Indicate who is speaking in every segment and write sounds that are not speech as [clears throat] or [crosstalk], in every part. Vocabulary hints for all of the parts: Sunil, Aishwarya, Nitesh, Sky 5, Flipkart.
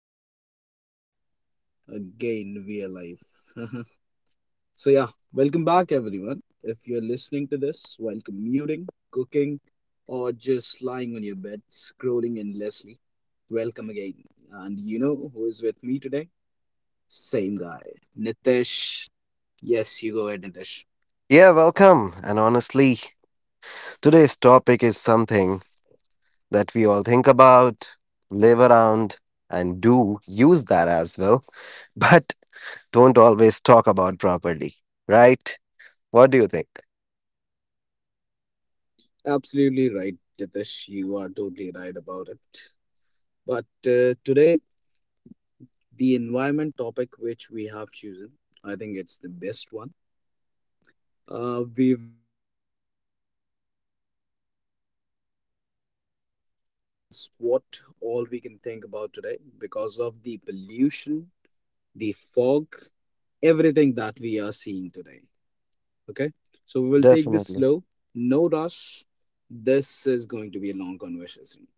Speaker 1: Right, so again, we are live. [laughs] So, yeah, welcome back, everyone. If you're listening to this while commuting, cooking, or just lying on your bed scrolling endlessly, welcome again. And you know who is with me today? Same guy, Nitesh. Yes, you go ahead, Nitesh.
Speaker 2: Yeah, welcome. And honestly, today's topic is something that we all think about, live around, and do use that as well, [laughs] but don't always talk about properly, right? What do you think?
Speaker 1: Absolutely right, Nitesh. You are totally right about it. But today, the environment topic which we have chosen, I think it's the best one. We what all we can think about today because of the pollution, the fog, everything that we are seeing today. Okay, so we will take this
Speaker 2: Definitely.
Speaker 1: slow, no rush. This is going to be a long conversation.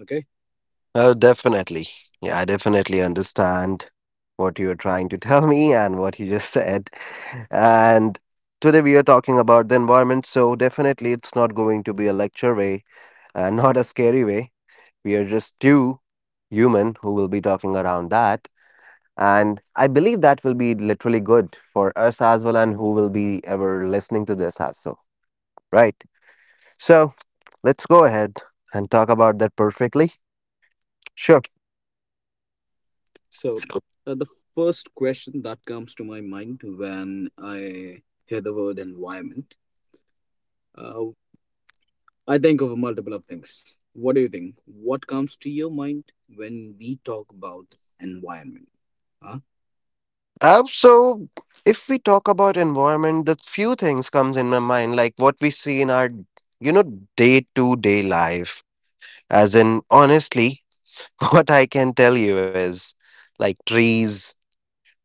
Speaker 1: Okay,
Speaker 2: Oh, definitely. Yeah, I definitely understand what you're trying to [laughs] tell me and what you just said. And today we are talking about the environment, so definitely it's not going to be a lecture way and not a scary way. We are just two human who will be talking around that. And I believe that will be literally good for us as well and who will be ever listening to this as so. Right. So let's go ahead and talk about that perfectly. Sure.
Speaker 1: so
Speaker 2: So,
Speaker 1: the first question that comes to my mind when I hear the word environment, uh, I think of multiple of things. What do you think? What comes to your mind when we talk about environment? Huh?
Speaker 2: so if we talk about environment, the few things comes in my mind, like what we see in our, you know, day to day life. As in, honestly, [laughs] what I can tell you is like trees,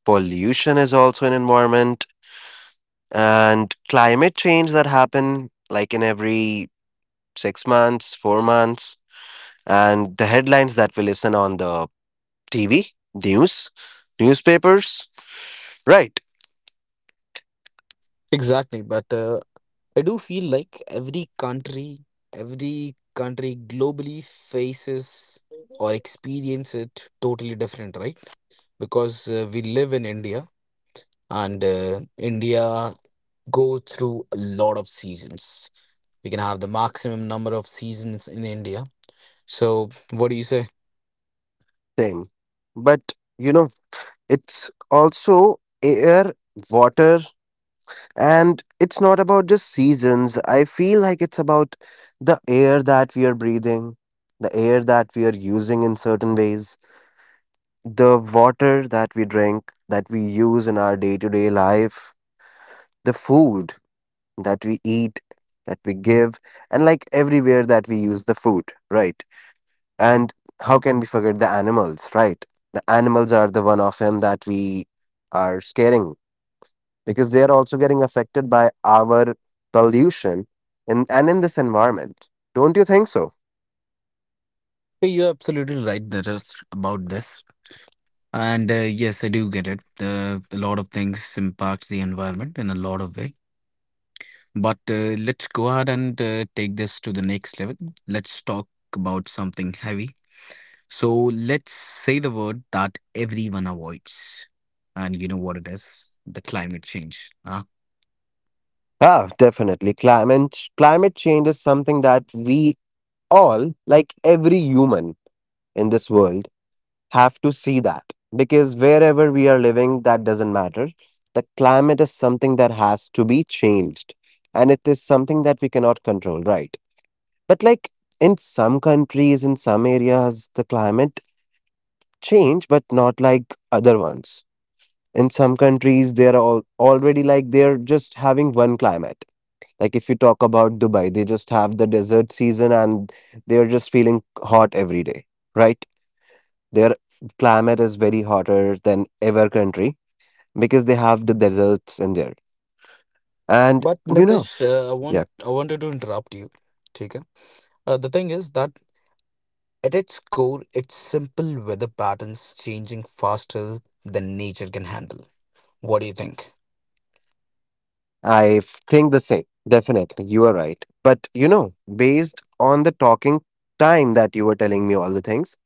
Speaker 2: pollution is also an environment and climate change that happen like in every 6 months 4 months and the headlines that we listen on the tv news newspapers, right?
Speaker 1: Exactly, but I do feel like every country globally faces or experience it totally different, right? Because we live in India and India go through a lot of seasons. We can have the maximum number of seasons in India. So what do you say?
Speaker 2: Same. But you know, it's also air, water. And it's not about just seasons. I feel like it's about the air that we are breathing, the air that we are using in certain ways, the water that we drink, that we use in our day to day life, the food that we eat, that we give, and like everywhere that we use the food, right? And how can we forget the animals, right? The animals are the one of them that we are scaring because they are also getting affected by our pollution in, and in this environment. Don't you think so?
Speaker 1: Yeah, you're absolutely right, Dheeraj, about this. And yes, I do get it. A lot of things impacts the environment in a lot of way. But let's go ahead and take this to the next level. Let's talk about something heavy. So let's say the word that everyone avoids. And you know what it is? The climate change. Huh?
Speaker 2: Ah, definitely. Climate change is something that we all, like every human, in this world have to see that because wherever we are living, that doesn't matter. The climate is something that has to be changed and it is something that we cannot control, right? But like in some countries, in some areas, the climate change, but not like other ones. In some countries, they are all already like they're just having one climate. Like if you talk about Dubai, they just have the desert season and they're just feeling hot every day, right? Their climate is very hotter than ever country because they have the deserts in there. And
Speaker 1: But
Speaker 2: you know,
Speaker 1: Nitish, I want
Speaker 2: yeah,
Speaker 1: I wanted to interrupt you. Take the thing is that at its core, it's simple weather patterns changing faster than nature can handle. What do you think?
Speaker 2: think the same. Definitely, you are right. But you know, based on the talking time that you were telling me all the things,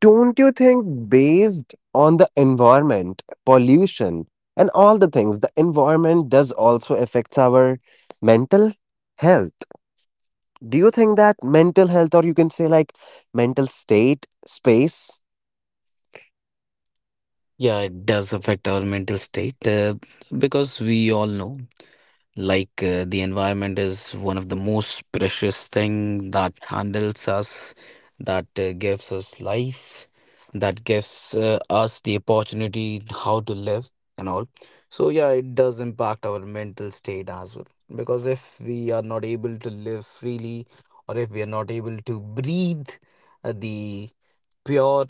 Speaker 2: don't you think based on the environment, pollution, and all the things, the environment does also affects our mental health? Do you think that mental health, or you can say like mental state, space,
Speaker 1: Yeah, it does affect our mental state because we all know. Like the environment is one of the most precious thing that handles us, that gives us life, that gives us the opportunity how to live and all. So yeah, it does impact our mental state as well. Because if we are not able to live freely, or if we are not able to breathe the pure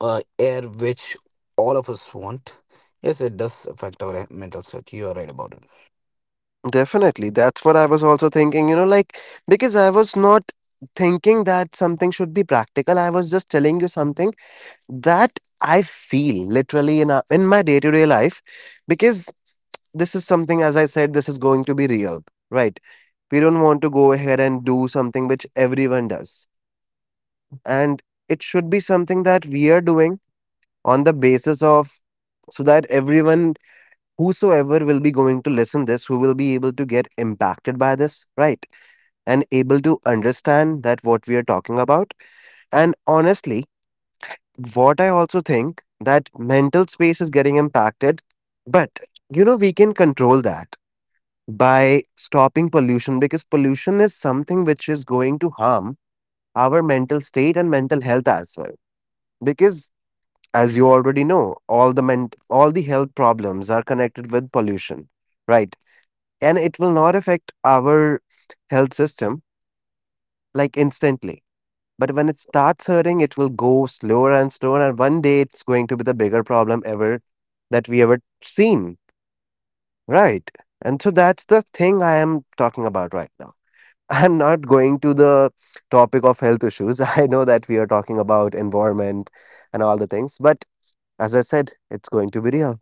Speaker 1: air which all of us want, yes, it does affect our mental state. You are right about it.
Speaker 2: definitely. That's what I was also thinking, you know, like, because I was not thinking that something should be practical. I was just telling you something that I feel literally in, a, in my day to day life, because this is something, as I said, this is going to be real, right? We don't want to go ahead and do something which everyone does. And it should be something that we are doing on the basis of so that everyone whosoever will be going to listen this who will be able to get impacted by this, right? And able to understand that what we are talking about. And honestly, what I also think that mental space is getting impacted, but you know, we can control that by stopping pollution because pollution is something which is going to harm our mental state and mental health as well. Because as you already know, all the health problems are connected with pollution, right? And it will not affect our health system like instantly. But when it starts hurting, it will go slower and slower. And one day it's going to be the bigger problem ever that we ever seen. Right. And so that's the thing I am talking about right now. [laughs] I'm not going to the topic of health issues. [laughs] I know that we are talking about environment and all the things, but as I said, it's going to be real.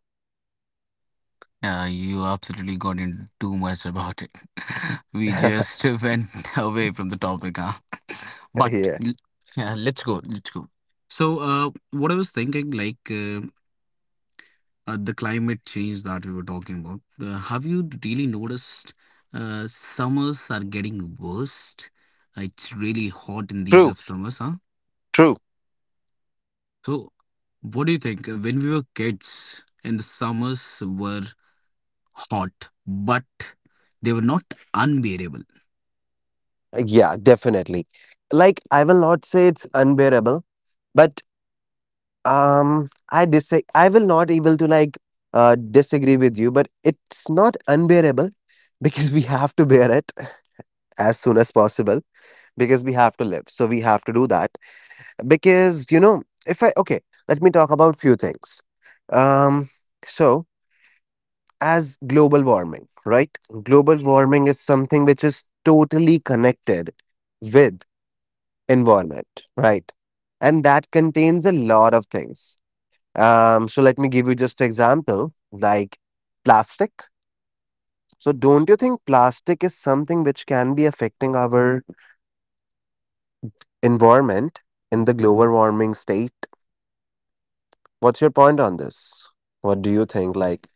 Speaker 1: Yeah, you absolutely got into too much about it. [laughs] We
Speaker 2: [laughs]
Speaker 1: just [laughs] went away from the topic, huh? [laughs] But
Speaker 2: Yeah.
Speaker 1: l- yeah, let's go. Let's go. So, what I was thinking, like the climate change that we were talking about, have you really noticed summers are getting worse? It's really hot in these of
Speaker 2: True,
Speaker 1: summers, huh?
Speaker 2: true.
Speaker 1: So, what do you think? When we were kids, and the summers were hot, but they were not unbearable.
Speaker 2: Yeah, definitely. Like, I will not say it's unbearable, but. I disa, I will not able to like disagree with you, but it's not unbearable [laughs] because we have to bear it as soon as possible because we have to live. So we have to do that because you know if I okay, let me talk about few things. Um, so as global warming, right? Global warming is something which is totally connected with environment, right? And that contains a lot of things. So let me give you just an example like plastic. So don't you think plastic is something which can be affecting our environment in the global warming state? What's your point on this? What do you think? Like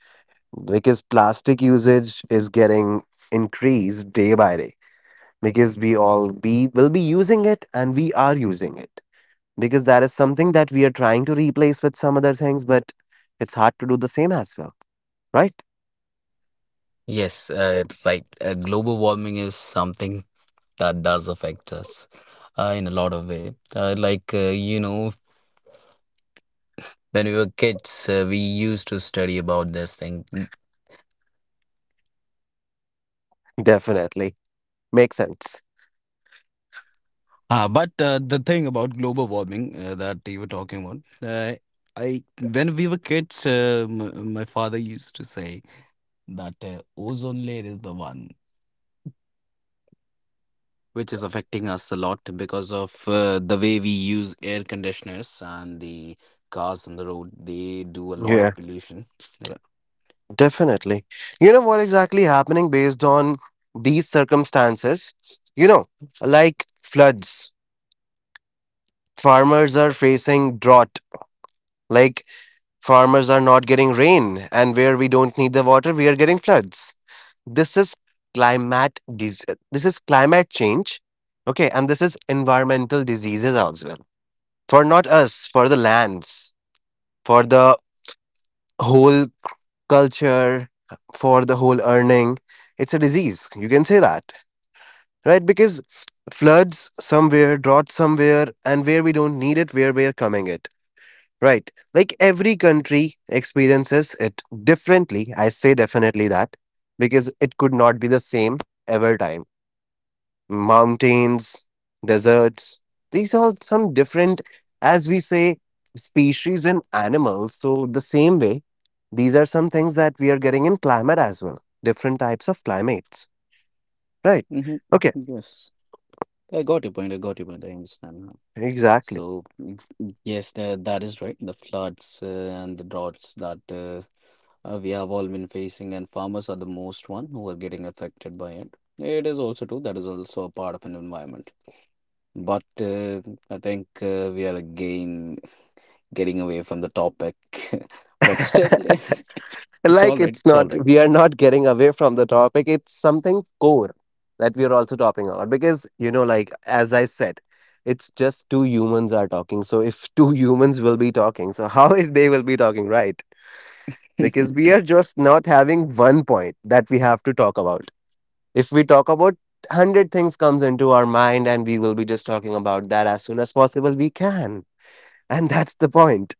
Speaker 2: because plastic usage is getting increased day by day because we all be will be using it and we are using it because that is something that we are trying to replace with some other things, but it's hard to do the same as well, right?
Speaker 1: Yes, like global warming is something that does affect us in a lot of way. Like you know, when we were kids, we used to study about this thing.
Speaker 2: Definitely. Makes sense.
Speaker 1: Ah, but the thing about global warming that you were talking about, uh, I when we were kids, m my father used to say that ozone layer is the one, which is affecting us a lot because of the way we use air conditioners and the cars on the road. They do a lot
Speaker 2: Yeah,
Speaker 1: of pollution.
Speaker 2: definitely. You know what exactly happening based on these circumstances? You know, like floods. Farmers are facing drought. Like farmers are not getting rain, and where we don't need the water, we are getting floods. This is climate dis- this is climate change. Okay, and this is environmental diseases as well. For not us, for the lands, for the whole culture, for the whole earning. It's a disease. You can say that. Right? Because floods somewhere, drought somewhere, and where we don't need it, where we're coming it. Right. Like every country experiences it differently. I say definitely that because it could not be the same every time. Mountains, deserts. These are some different, as we say, species in animals. So, the same way, these are some things that we are getting in climate as well. Different types of climates, right?
Speaker 1: Mm-hmm.
Speaker 2: Okay,
Speaker 1: Yes, I got your point. I got your point. I understand now.
Speaker 2: exactly.
Speaker 1: So yes, that is right. The floods and the droughts that we have all been facing, and farmers are the most one who are getting affected by it. It is also true that is also a part of an environment. But I think we are again getting away from the topic, [laughs] but still, [laughs]
Speaker 2: [laughs]
Speaker 1: it's all
Speaker 2: Like
Speaker 1: right.
Speaker 2: it's
Speaker 1: It's all
Speaker 2: not,
Speaker 1: right.
Speaker 2: we are not getting away from the topic. It's something core that we are also talking about because, you know, like as I said, it's just two humans are talking. So if two [laughs] humans will be talking, so how [laughs] they will be talking, right? Because
Speaker 1: [laughs]
Speaker 2: we are just not having one point that we have to talk about. If we talk about 100 things comes into our mind and we will be just talking about that as soon as possible we can. And that's the point.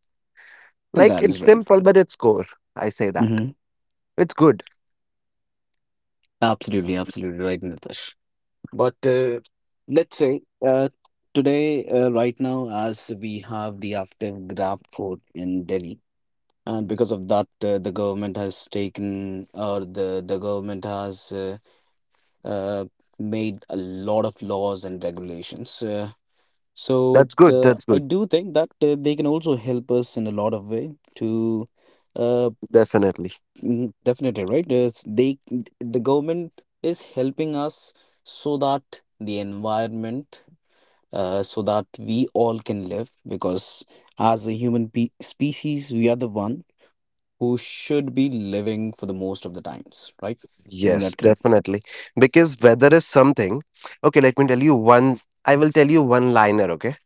Speaker 2: Like
Speaker 1: That is
Speaker 2: it's
Speaker 1: right.
Speaker 2: simple but it's core. I say that.
Speaker 1: Hmm.
Speaker 2: It's good.
Speaker 1: Absolutely, absolutely right, Nitesh. But let's say today, right now, as we have the after Grab food in Delhi, and because of that, the government has taken or the government has uh, made a lot of laws and regulations. Uh, So
Speaker 2: That's good.
Speaker 1: uh,
Speaker 2: That's
Speaker 1: I
Speaker 2: good.
Speaker 1: do think that they can also help us in a lot of way to uh,
Speaker 2: Definitely.
Speaker 1: definitely right. Is they The government is helping us so that the environment so that we all can live because as a human pe species we are the one who share most of the times, right? Isn't
Speaker 2: Yes,
Speaker 1: that correct?
Speaker 2: definitely. Because weather is something. Okay, let me tell you one. I will tell you one liner. Okay.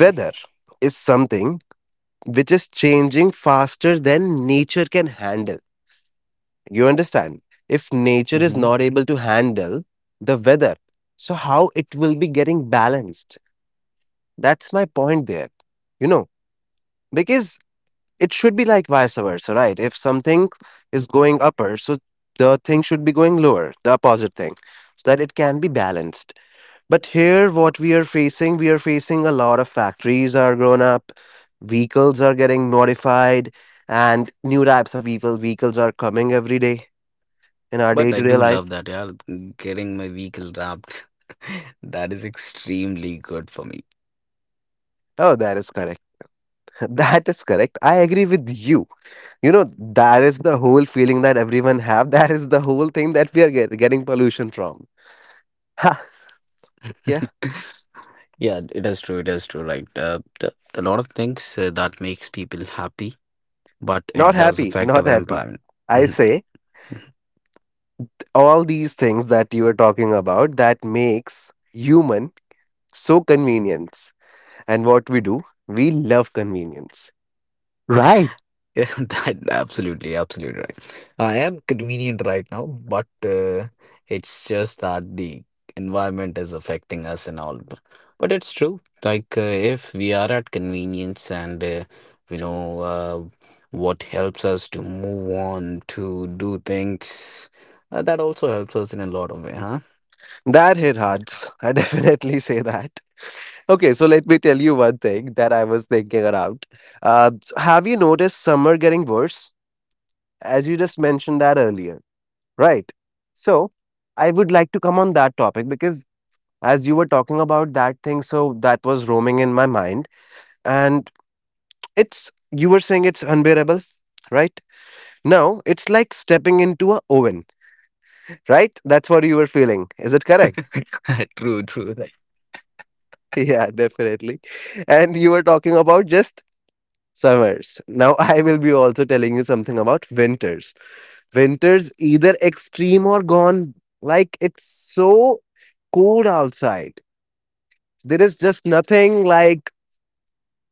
Speaker 2: Weather is something which is changing faster than nature can handle. You understand? If nature is
Speaker 1: Hmm.
Speaker 2: not able to handle the weather, so how it will be getting balanced? That's my point there. You know, because it should be like vice versa, right? If something is going upper, so the thing should be going lower, the opposite thing, so that it can be balanced. But here, what we are facing a lot of factories are grown up, vehicles are getting modified, and new types of vehicles are coming every day in our day
Speaker 1: But I
Speaker 2: to day
Speaker 1: do
Speaker 2: life.
Speaker 1: love that, yeah. Getting my vehicle wrapped. [laughs] That is extremely good for me.
Speaker 2: Oh, that is correct. [laughs] That is correct. I agree with you. You know, that is the whole feeling that everyone have. [laughs] That is the whole thing that we are getting pollution from. [laughs] Ha, yeah,
Speaker 1: [laughs] Yeah, it is true. It is true. Right. The lot of things that makes people happy, but it
Speaker 2: not
Speaker 1: does
Speaker 2: happy,
Speaker 1: affect
Speaker 2: not
Speaker 1: our
Speaker 2: happy.
Speaker 1: environment.
Speaker 2: I
Speaker 1: Mhm.
Speaker 2: say
Speaker 1: [laughs]
Speaker 2: all these things that you are talking about that makes human so convenient. And what we do, we love convenience. Right.
Speaker 1: Yeah, [laughs] that absolutely, absolutely right. I am convenient right now, but it's just that the environment is affecting us and all. But it's true. Like if we are at convenience and we know what helps us to move on to do things, that also helps us in a lot of way, huh?
Speaker 2: That hit hearts. [laughs] I definitely say that. Okay, so let me tell you one thing that I was thinking around. Have you noticed summer getting worse? As you just mentioned that earlier, right? So I would like to come on that topic because as you were talking about that thing, so that was roaming in my mind. And it's, you were saying it's unbearable, right? Now it's like stepping into a oven. Right? That's what you were feeling. Is it correct? [laughs]
Speaker 1: [laughs] True, true. Right.
Speaker 2: Yeah, definitely. And you were talking about just summers. Now [laughs] I will be also telling you something about winters. Winters either extreme or gone. Like it's so cold outside. There is just nothing like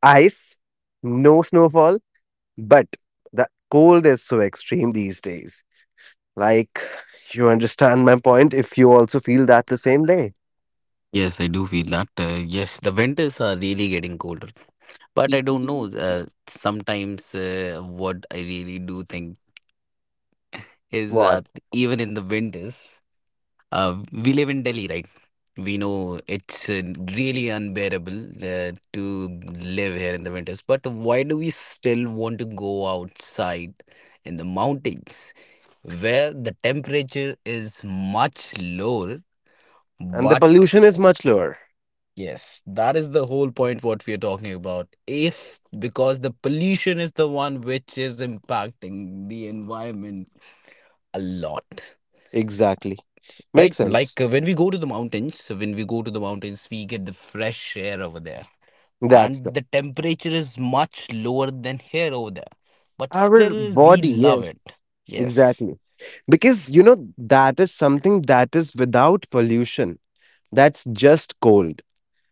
Speaker 2: ice, no snowfall, but the cold is so extreme these days. Like you understand my point if you also feel that the same way.
Speaker 1: Yes, I do feel that. Yes, the winters are really getting colder. But I don't know. Sometimes what I really do think is
Speaker 2: What?
Speaker 1: that even in the winters, we live in Delhi, right? We know it's really unbearable to live here in the winters. But why do we still want to go outside in the mountains where the temperature is much lower?
Speaker 2: And the
Speaker 1: But
Speaker 2: pollution is much lower.
Speaker 1: yes, that is the whole point what we are talking about. If because the pollution is the one which is impacting the environment a lot,
Speaker 2: Exactly.
Speaker 1: right?
Speaker 2: Makes
Speaker 1: Like
Speaker 2: sense.
Speaker 1: when we go to the mountains, we get the fresh air over there,
Speaker 2: That's the,
Speaker 1: and the temperature is much lower than here over there, but
Speaker 2: our
Speaker 1: still we
Speaker 2: body,
Speaker 1: love
Speaker 2: yes.
Speaker 1: it. Yes.
Speaker 2: Exactly. Because, you know, that is something that is without pollution. That's just cold.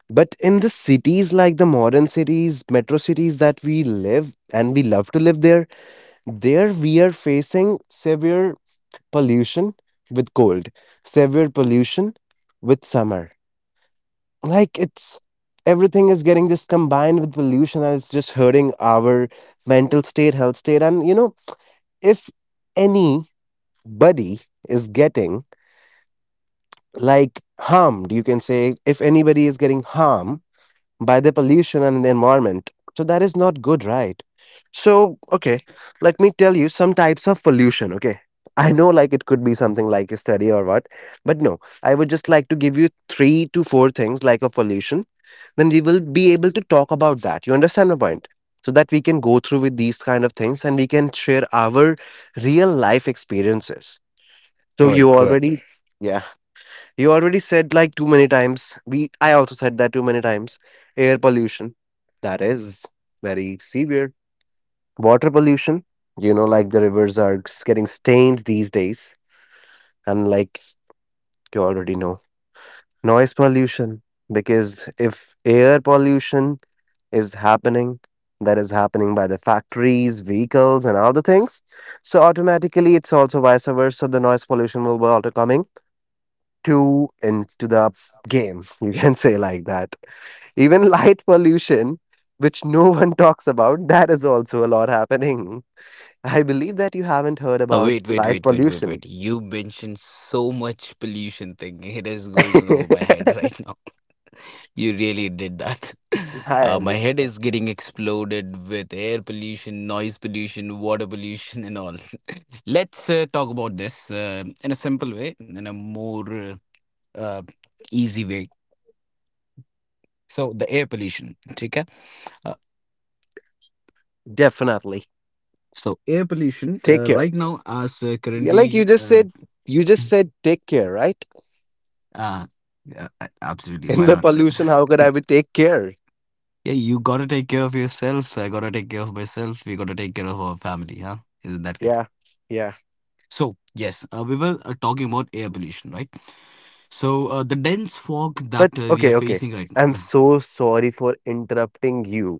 Speaker 2: But in the cities like the modern cities, metro cities that we live and we love to live there, there we are facing severe pollution with cold, severe pollution with summer. Like it's Everything is getting just combined with pollution and it's just hurting our mental state, health state. And if anybody is getting, like, harmed, you can say, if anybody is getting harmed by the pollution and the environment, so that is not good, right? So, okay, let me tell you some types of pollution. Okay, I know, like, it could be something like a study or what, but no, I would just like to give you three to four things like a pollution. Then we will be able to talk about that. You understand my point? So that we can go through with these kind of things and we can share our real life experiences. So
Speaker 1: All
Speaker 2: you
Speaker 1: right, good.
Speaker 2: already Yeah. You already said like too many times. We I also said that too many times. Air pollution. That is very severe. Water pollution. You know, like the rivers are getting stained these days. And, like, you already know. Noise pollution. Because if air pollution is happening, that is happening by the factories, vehicles and other things, so automatically it's also, vice versa, the noise pollution will be also coming to into the game [laughs] you can say, like that. Even light pollution, which no [laughs] one talks about, that is also a lot happening. [laughs] I believe that you haven't heard
Speaker 1: Uh,
Speaker 2: about
Speaker 1: wait, wait,
Speaker 2: light
Speaker 1: wait, wait, wait,
Speaker 2: pollution.
Speaker 1: wait.
Speaker 2: [laughs]
Speaker 1: You mentioned so much pollution thing. [laughs] It is going over my head
Speaker 2: I
Speaker 1: right now. [laughs] You really did that. [laughs] My
Speaker 2: understand.
Speaker 1: head is getting exploded with air pollution, noise pollution, water pollution, and all. [laughs] Let's talk about this in a simple way, in a more uh, easy way. So, the air pollution, okay? Uh,
Speaker 2: Definitely
Speaker 1: so, air pollution
Speaker 2: take care.
Speaker 1: right now, as
Speaker 2: Yeah, like you
Speaker 1: currently,
Speaker 2: just said you
Speaker 1: [clears throat]
Speaker 2: just said take care, right?
Speaker 1: uh, yeah, absolutely,
Speaker 2: [laughs] In
Speaker 1: why
Speaker 2: the
Speaker 1: not?
Speaker 2: pollution how could I be
Speaker 1: [laughs]
Speaker 2: take care?
Speaker 1: Yeah, you gotta take care of yourself. So I gotta take care of myself. We gotta take care of our family, huh? Isn't that correct?
Speaker 2: Yeah, yeah.
Speaker 1: So, yes, we were talking about air pollution, right? So, the dense fog that
Speaker 2: But
Speaker 1: we are
Speaker 2: okay, okay,
Speaker 1: facing right
Speaker 2: I'm
Speaker 1: now,
Speaker 2: so sorry for interrupting you.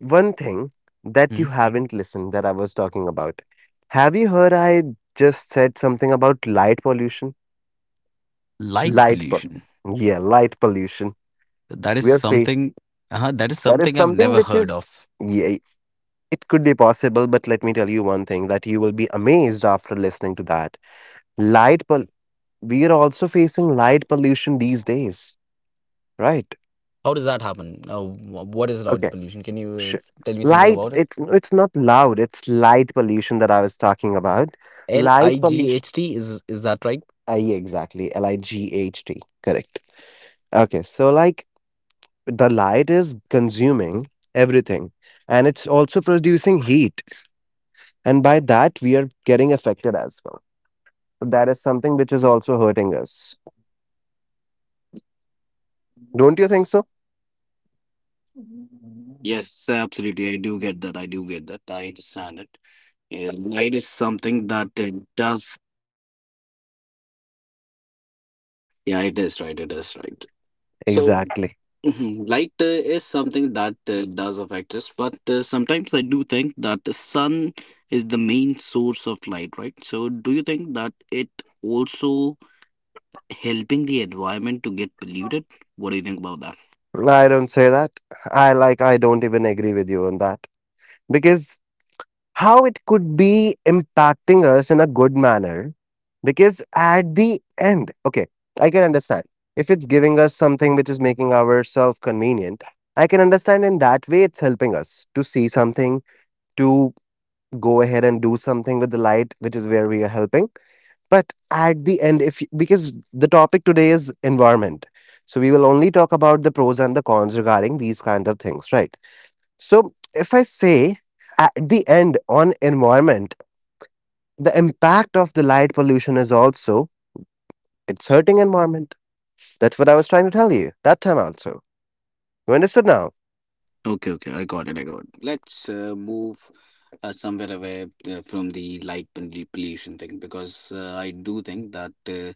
Speaker 2: One thing that
Speaker 1: hmm?
Speaker 2: you haven't listened that I was talking about. Have you heard I just said something about light pollution?
Speaker 1: Light
Speaker 2: Light
Speaker 1: pollution.
Speaker 2: pollution. Yeah, light pollution.
Speaker 1: That is
Speaker 2: We are faced.
Speaker 1: something. That is
Speaker 2: That is
Speaker 1: something I've
Speaker 2: something
Speaker 1: never
Speaker 2: which
Speaker 1: heard
Speaker 2: is,
Speaker 1: of.
Speaker 2: yeah, it could be possible, but let me tell you one thing that you will be amazed after listening to that. Light pol. We are also facing light pollution these days, right?
Speaker 1: How does that happen? What is light pollution? Can you
Speaker 2: Sh-
Speaker 1: tell me something
Speaker 2: Light,
Speaker 1: about it?
Speaker 2: it's not loud, it's light pollution that I was talking about.
Speaker 1: L
Speaker 2: Light
Speaker 1: I G
Speaker 2: pollution.
Speaker 1: H T is that right?
Speaker 2: Yeah, exactly, light, correct. Okay, so, like, the light is consuming everything and it's also producing heat, and by that we are getting affected as well. So that is something which is also hurting us, don't you think so?
Speaker 1: Yes, absolutely. I do get that. I do get that. I understand it. Yeah, light is something that it does. Yeah, it is right. It is right. So,
Speaker 2: Exactly.
Speaker 1: mhm, light is something that does affect us, but sometimes I do think that the sun is the main source of light, right? So, do you think that it also helping the environment to get polluted? What do you think about that?
Speaker 2: I don't say that. I, like, I don't even agree with you on that, because how it could be impacting us in a good manner? Because at the end, okay, I can understand if it's giving us something which is making ourselves convenient. I can understand in that way it's helping us to see something, to go ahead and do something with the light, which is where we are helping. But at the end, if, because the topic today is environment, so we will only talk about the pros and the cons regarding these kinds of things, right? So if I say at the end on environment, the impact of the light pollution is also, it's hurting environment. That's what I was trying to tell you that time also. You understood now?
Speaker 1: Okay, okay, I got it. I got it. Let's move somewhere away from the light pollution thing because I do think that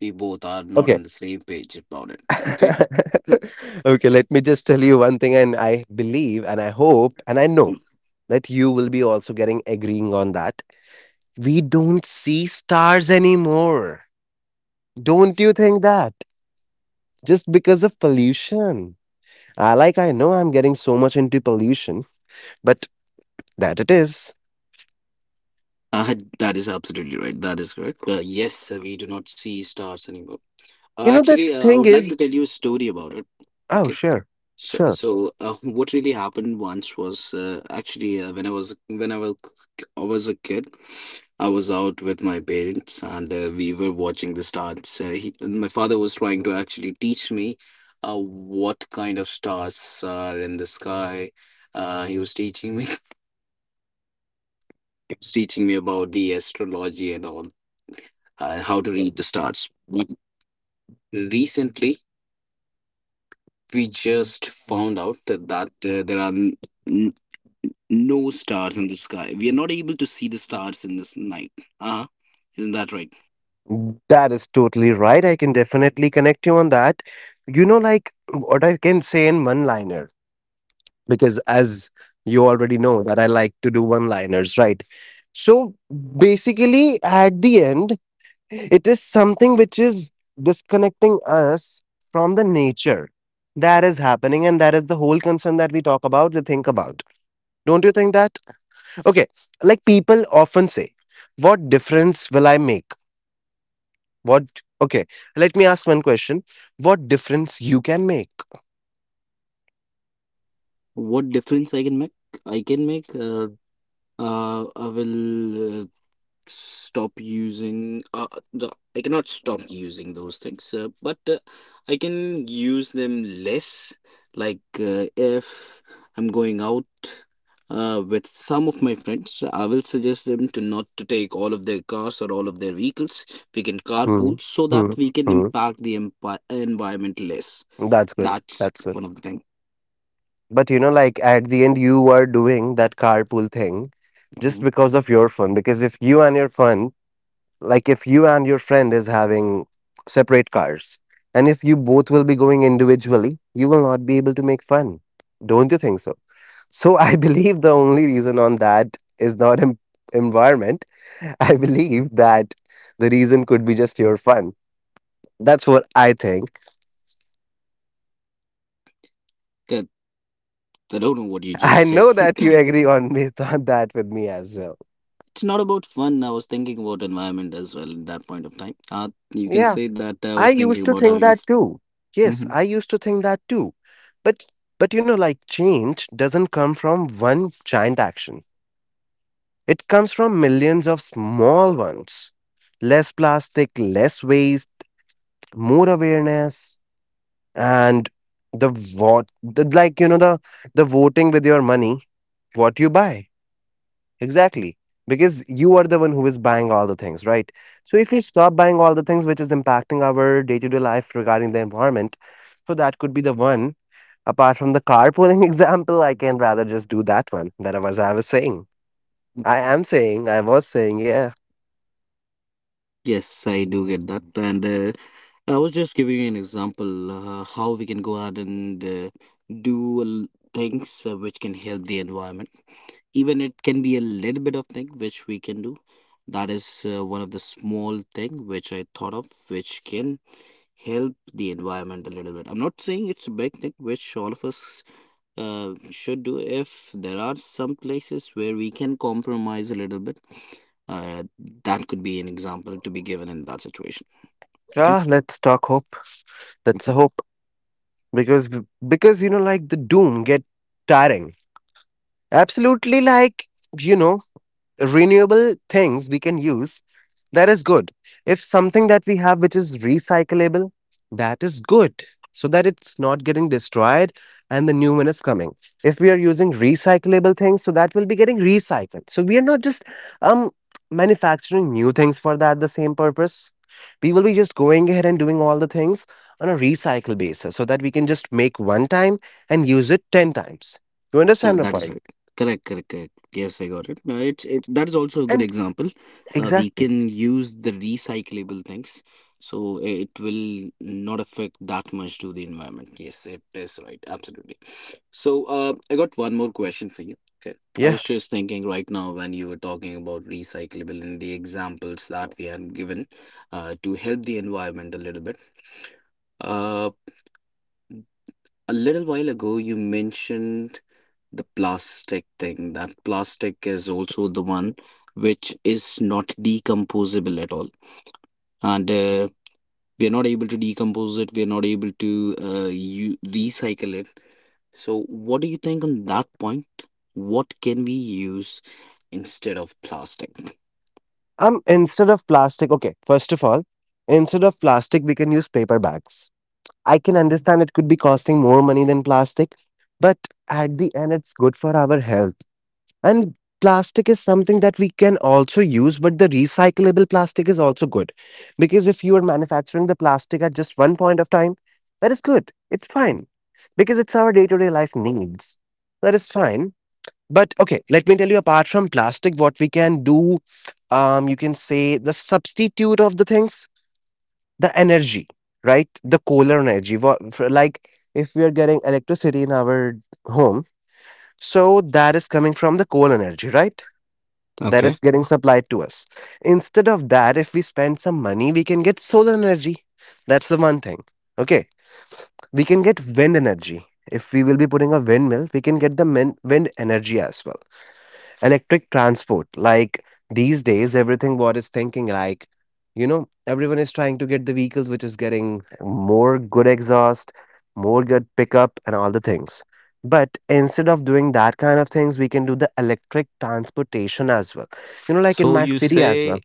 Speaker 1: we both are not
Speaker 2: Okay.
Speaker 1: on the same page about it. Okay, [laughs]
Speaker 2: [laughs] Okay, let me just tell you one thing, and I believe and I hope and I know that you will be also getting agreeing on that. We don't see stars anymore. Don't you think that? Just because of pollution. I, like, I know I'm getting so much into pollution, but that it is.
Speaker 1: That is absolutely right. That is correct. Yes, we do not see stars anymore.
Speaker 2: You know the
Speaker 1: Actually, I
Speaker 2: thing
Speaker 1: would like to
Speaker 2: is,
Speaker 1: tell you a story about it.
Speaker 2: oh
Speaker 1: Okay.
Speaker 2: sure.
Speaker 1: Sure.
Speaker 2: Sure.
Speaker 1: So, [laughs] what really happened once was actually when I was a kid. I was out with my parents and we were watching the stars. My father was trying to actually teach me what kind of stars are in the sky. He was teaching me [laughs] he was teaching me about the astrology and all, how to read the stars. But recently, we just found out that there are n- no stars in the sky. We are not able to see the stars in this night. Uh-huh. Isn't that right?
Speaker 2: That is totally right. I can definitely connect you on that. You know, like, what I can say in one liner, because as you already know, that I like to do one liners, right? So basically, at the end, it is something which is disconnecting us from the nature, that is happening, and that is the whole concern that we talk about, we think about. Don't you think that? Okay, like, people often say, what difference will I make? What, okay, let me ask one question. What difference you can make?
Speaker 1: What difference I can make? I can make. I will stop using. I cannot stop using those things, but I can use them less. Like if I'm going out with some of my friends, I will suggest them to not to take all of their cars or all of their vehicles. We can carpool
Speaker 2: Hmm.
Speaker 1: so that
Speaker 2: Hmm.
Speaker 1: we can
Speaker 2: Hmm.
Speaker 1: impact the environment less.
Speaker 2: That's good.
Speaker 1: That's
Speaker 2: That's good.
Speaker 1: one of the things.
Speaker 2: But you know, like, at the end you are doing that carpool thing just
Speaker 1: Mhm.
Speaker 2: because of your fun. Because if you and your fun, like if you and your friend is having separate cars, and if you both will be going individually, you will not be able to make fun. Don't you think so? So I [laughs] believe the only reason on that is not environment, [laughs] I believe that the reason could be just your fun. That's what I think.
Speaker 1: That, I don't know what you
Speaker 2: [laughs]
Speaker 1: just
Speaker 2: I
Speaker 1: said.
Speaker 2: know
Speaker 1: [laughs]
Speaker 2: that you agree on me [laughs] on that with me as well.
Speaker 1: It's not about fun. I was thinking about environment as well at that point of time. You can
Speaker 2: Yeah,
Speaker 1: say that I was
Speaker 2: I
Speaker 1: thinking
Speaker 2: used to
Speaker 1: about
Speaker 2: think
Speaker 1: having.
Speaker 2: that
Speaker 1: F-
Speaker 2: too. Yes,
Speaker 1: Mhm.
Speaker 2: I used to think that too. But but you know, like, change doesn't come from one giant action. It comes from millions of small ones. Less plastic, less waste, more awareness, and the, what the, like, you know, the voting with your money, what you buy. Exactly. Because you are the one who is buying all the things, right? So if we stop buying all the things which is impacting our day-to-day life regarding the environment, so that could be the one. Apart from the carpooling [laughs] example, I can rather just do that one that I was saying. I am saying, I was saying, yeah.
Speaker 1: Yes, I do get that, and I was just giving you an example how we can go ahead and do l- things which can help the environment. Even it can be a little bit of thing which we can do. That is one of the small thing which I thought of, which can help the environment a little bit. I'm not saying it's a big thing, which all of us should do if there are some places where we can compromise a little bit, uh, that could be an example to be given in that situation. Okay.
Speaker 2: Ah, let's talk hope. Let's hope. Because because, you know, like, the doom get tiring. Absolutely, like, you know, renewable things we can use, that is good. If something that we have which is recyclable, that is good. So that it's not getting destroyed and the new one is coming. If we are using recyclable things, so that will be getting recycled. So we are not just um manufacturing new things for that the same purpose. We will be just going ahead and doing all the things on a recycle basis so that we can just make one time and use it 10 times. You understand the
Speaker 1: That is
Speaker 2: point?
Speaker 1: right. Correct, correct, correct. Yes, I got it. No, it's that is also a good
Speaker 2: And
Speaker 1: example. We
Speaker 2: exactly.
Speaker 1: can use the recyclable things, so it will not affect that much to the environment. Yes, it is right. Absolutely. So I got one more question for you. Okay. I was
Speaker 2: Yeah.
Speaker 1: just thinking right now when you were talking about recyclable and the examples that we had given to help the environment a little bit. Uh, a little while ago, you mentioned the plastic thing, that plastic is also the one which is not decomposable at all. And we are not able to decompose it, we are not able to you recycle it. So, what do you think on that point? What can we use instead of plastic?
Speaker 2: Instead of plastic, okay, first of all, instead of plastic, we can use paper bags. I can understand it could be costing more money than plastic, but at the end, it's good for our health. And plastic is something that we can also use, but the recyclable plastic is also good. Because if you are manufacturing the plastic at just one point of time, that is good. It's fine. Because it's our day to day life needs. That is fine. But okay, let me tell you apart from plastic, what we can do. Um, you can say the substitute of the things, the energy, right? The solar energy. Wha- for Like, if we are getting electricity in our home, so that is coming from the coal energy, right? That
Speaker 1: Okay.
Speaker 2: is getting supplied to us. Instead of that, if we spend some money, we can get solar energy. That's the one thing. Okay, we can get wind energy. If we will be putting a windmill, we can get the wind energy as well. Electric transport, like these days everything, what is thinking, like, you know, everyone is trying to get the vehicles which is getting more good exhaust, more good pickup and all the things. But instead of doing that kind of things, we can do the electric transportation as well. You know, like, in
Speaker 1: So
Speaker 2: my
Speaker 1: you
Speaker 2: city as
Speaker 1: say
Speaker 2: well,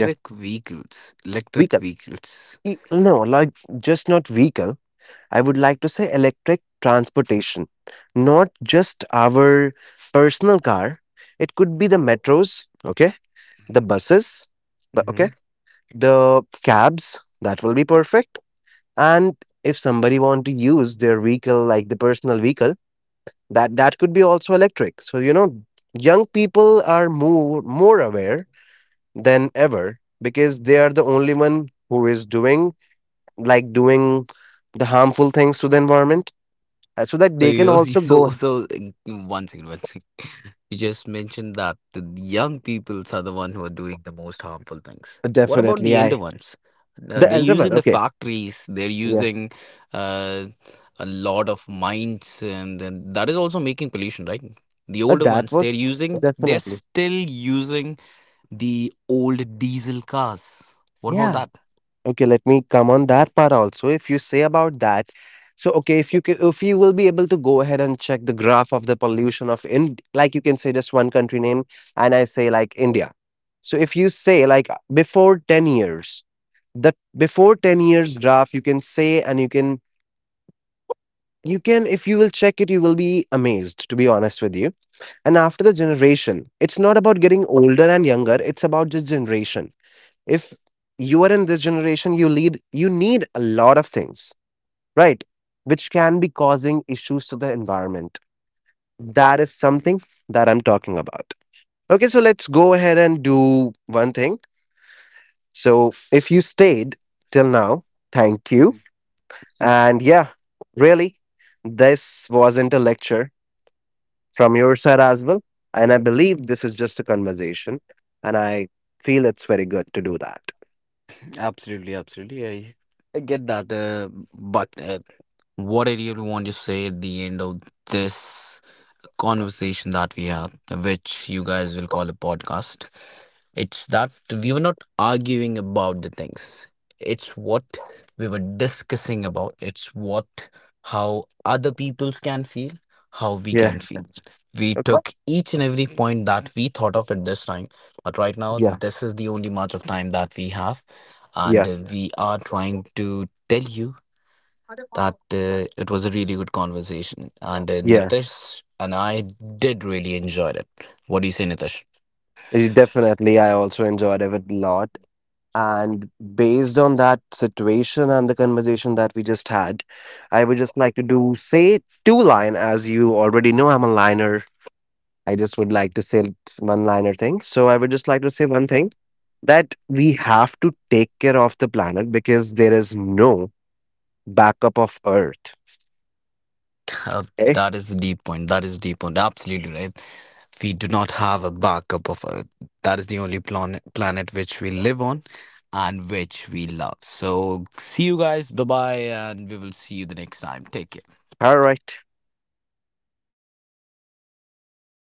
Speaker 2: yeah,
Speaker 1: vehicles, electric
Speaker 2: vehicle.
Speaker 1: vehicles.
Speaker 2: No, like, just not vehicle, I would like to say electric transportation, not just our personal car. It could be the metros, okay, the buses, but okay,
Speaker 1: Hmm.
Speaker 2: the cabs, that will be perfect. And if somebody want to use their vehicle, like the personal vehicle, that that could be also electric. So you know, young people are more aware than ever, because they are the only one who is doing, like, doing the harmful things to the environment, so that
Speaker 1: So
Speaker 2: they can
Speaker 1: you
Speaker 2: also
Speaker 1: [laughs] so
Speaker 2: go.
Speaker 1: so mm, one second, one second. [laughs] You just mentioned that the young peoples are the one who are doing the most harmful things. What about
Speaker 2: Definitely,
Speaker 1: the elder
Speaker 2: I,
Speaker 1: ones?
Speaker 2: the
Speaker 1: They're
Speaker 2: elder one.
Speaker 1: using the
Speaker 2: Okay,
Speaker 1: factories. They're
Speaker 2: yeah,
Speaker 1: using uh, a lot of mines, and then that is also making pollution, right? The
Speaker 2: but
Speaker 1: older
Speaker 2: that
Speaker 1: ones, they're
Speaker 2: was
Speaker 1: using. They're
Speaker 2: definitely,
Speaker 1: still using the old diesel cars. What about
Speaker 2: yeah.
Speaker 1: that?
Speaker 2: Okay, let me come on that part also. If you say about that, so okay, if you if you will be able to go ahead and check the graph of the pollution of in, like you can say just one country name, and I say like India. So if you say like before 10 years, the before 10 years graph, you can say, and you can if you will check it, you will be amazed, to be honest with you. And after the generation, it's not about getting older and younger; it's about the generation. If you are in this generation, you lead, you need a lot of things, right, which can be causing issues to the environment. That is something that I'm talking about. Okay, so let's go ahead and do one thing. So if you stayed till now, thank you. And yeah, really, this wasn't a lecture from your side as well, and I believe this is just a conversation, and I feel it's very good to do that.
Speaker 1: Absolutely, absolutely. I get that. But what I really want to say at the end of this conversation that we had, which you guys will call a podcast. It's that we were not arguing about the things. It's what we were discussing about. It's what, how other peoples can feel, how we
Speaker 2: Yeah.
Speaker 1: can feel.
Speaker 2: Sense.
Speaker 1: We
Speaker 2: Like what?
Speaker 1: took each and every point that we thought of at this time. But right now,
Speaker 2: Yeah.
Speaker 1: this is the only much of time that we have. And
Speaker 2: Yeah.
Speaker 1: we are trying to tell you that it was a really good conversation. And
Speaker 2: Yeah.
Speaker 1: Nitish and I did really enjoy it. What do you say, Nitish?
Speaker 2: It- Definitely. I also enjoyed it a lot. And based on that situation and the conversation that we just had, I would just like to do say two line, as you already know I'm a liner. I just would like to say one liner thing. So I would just like to say one thing, that we have to take care of the planet because there is no backup of Earth.
Speaker 1: Uh,
Speaker 2: Okay.
Speaker 1: that is a deep point. That is a deep point. Absolutely right. We do not have a backup of Earth. That is the only planet which we live on and which we love. So see you guys. Bye bye, and we will see you the next time. Take care.
Speaker 2: All right.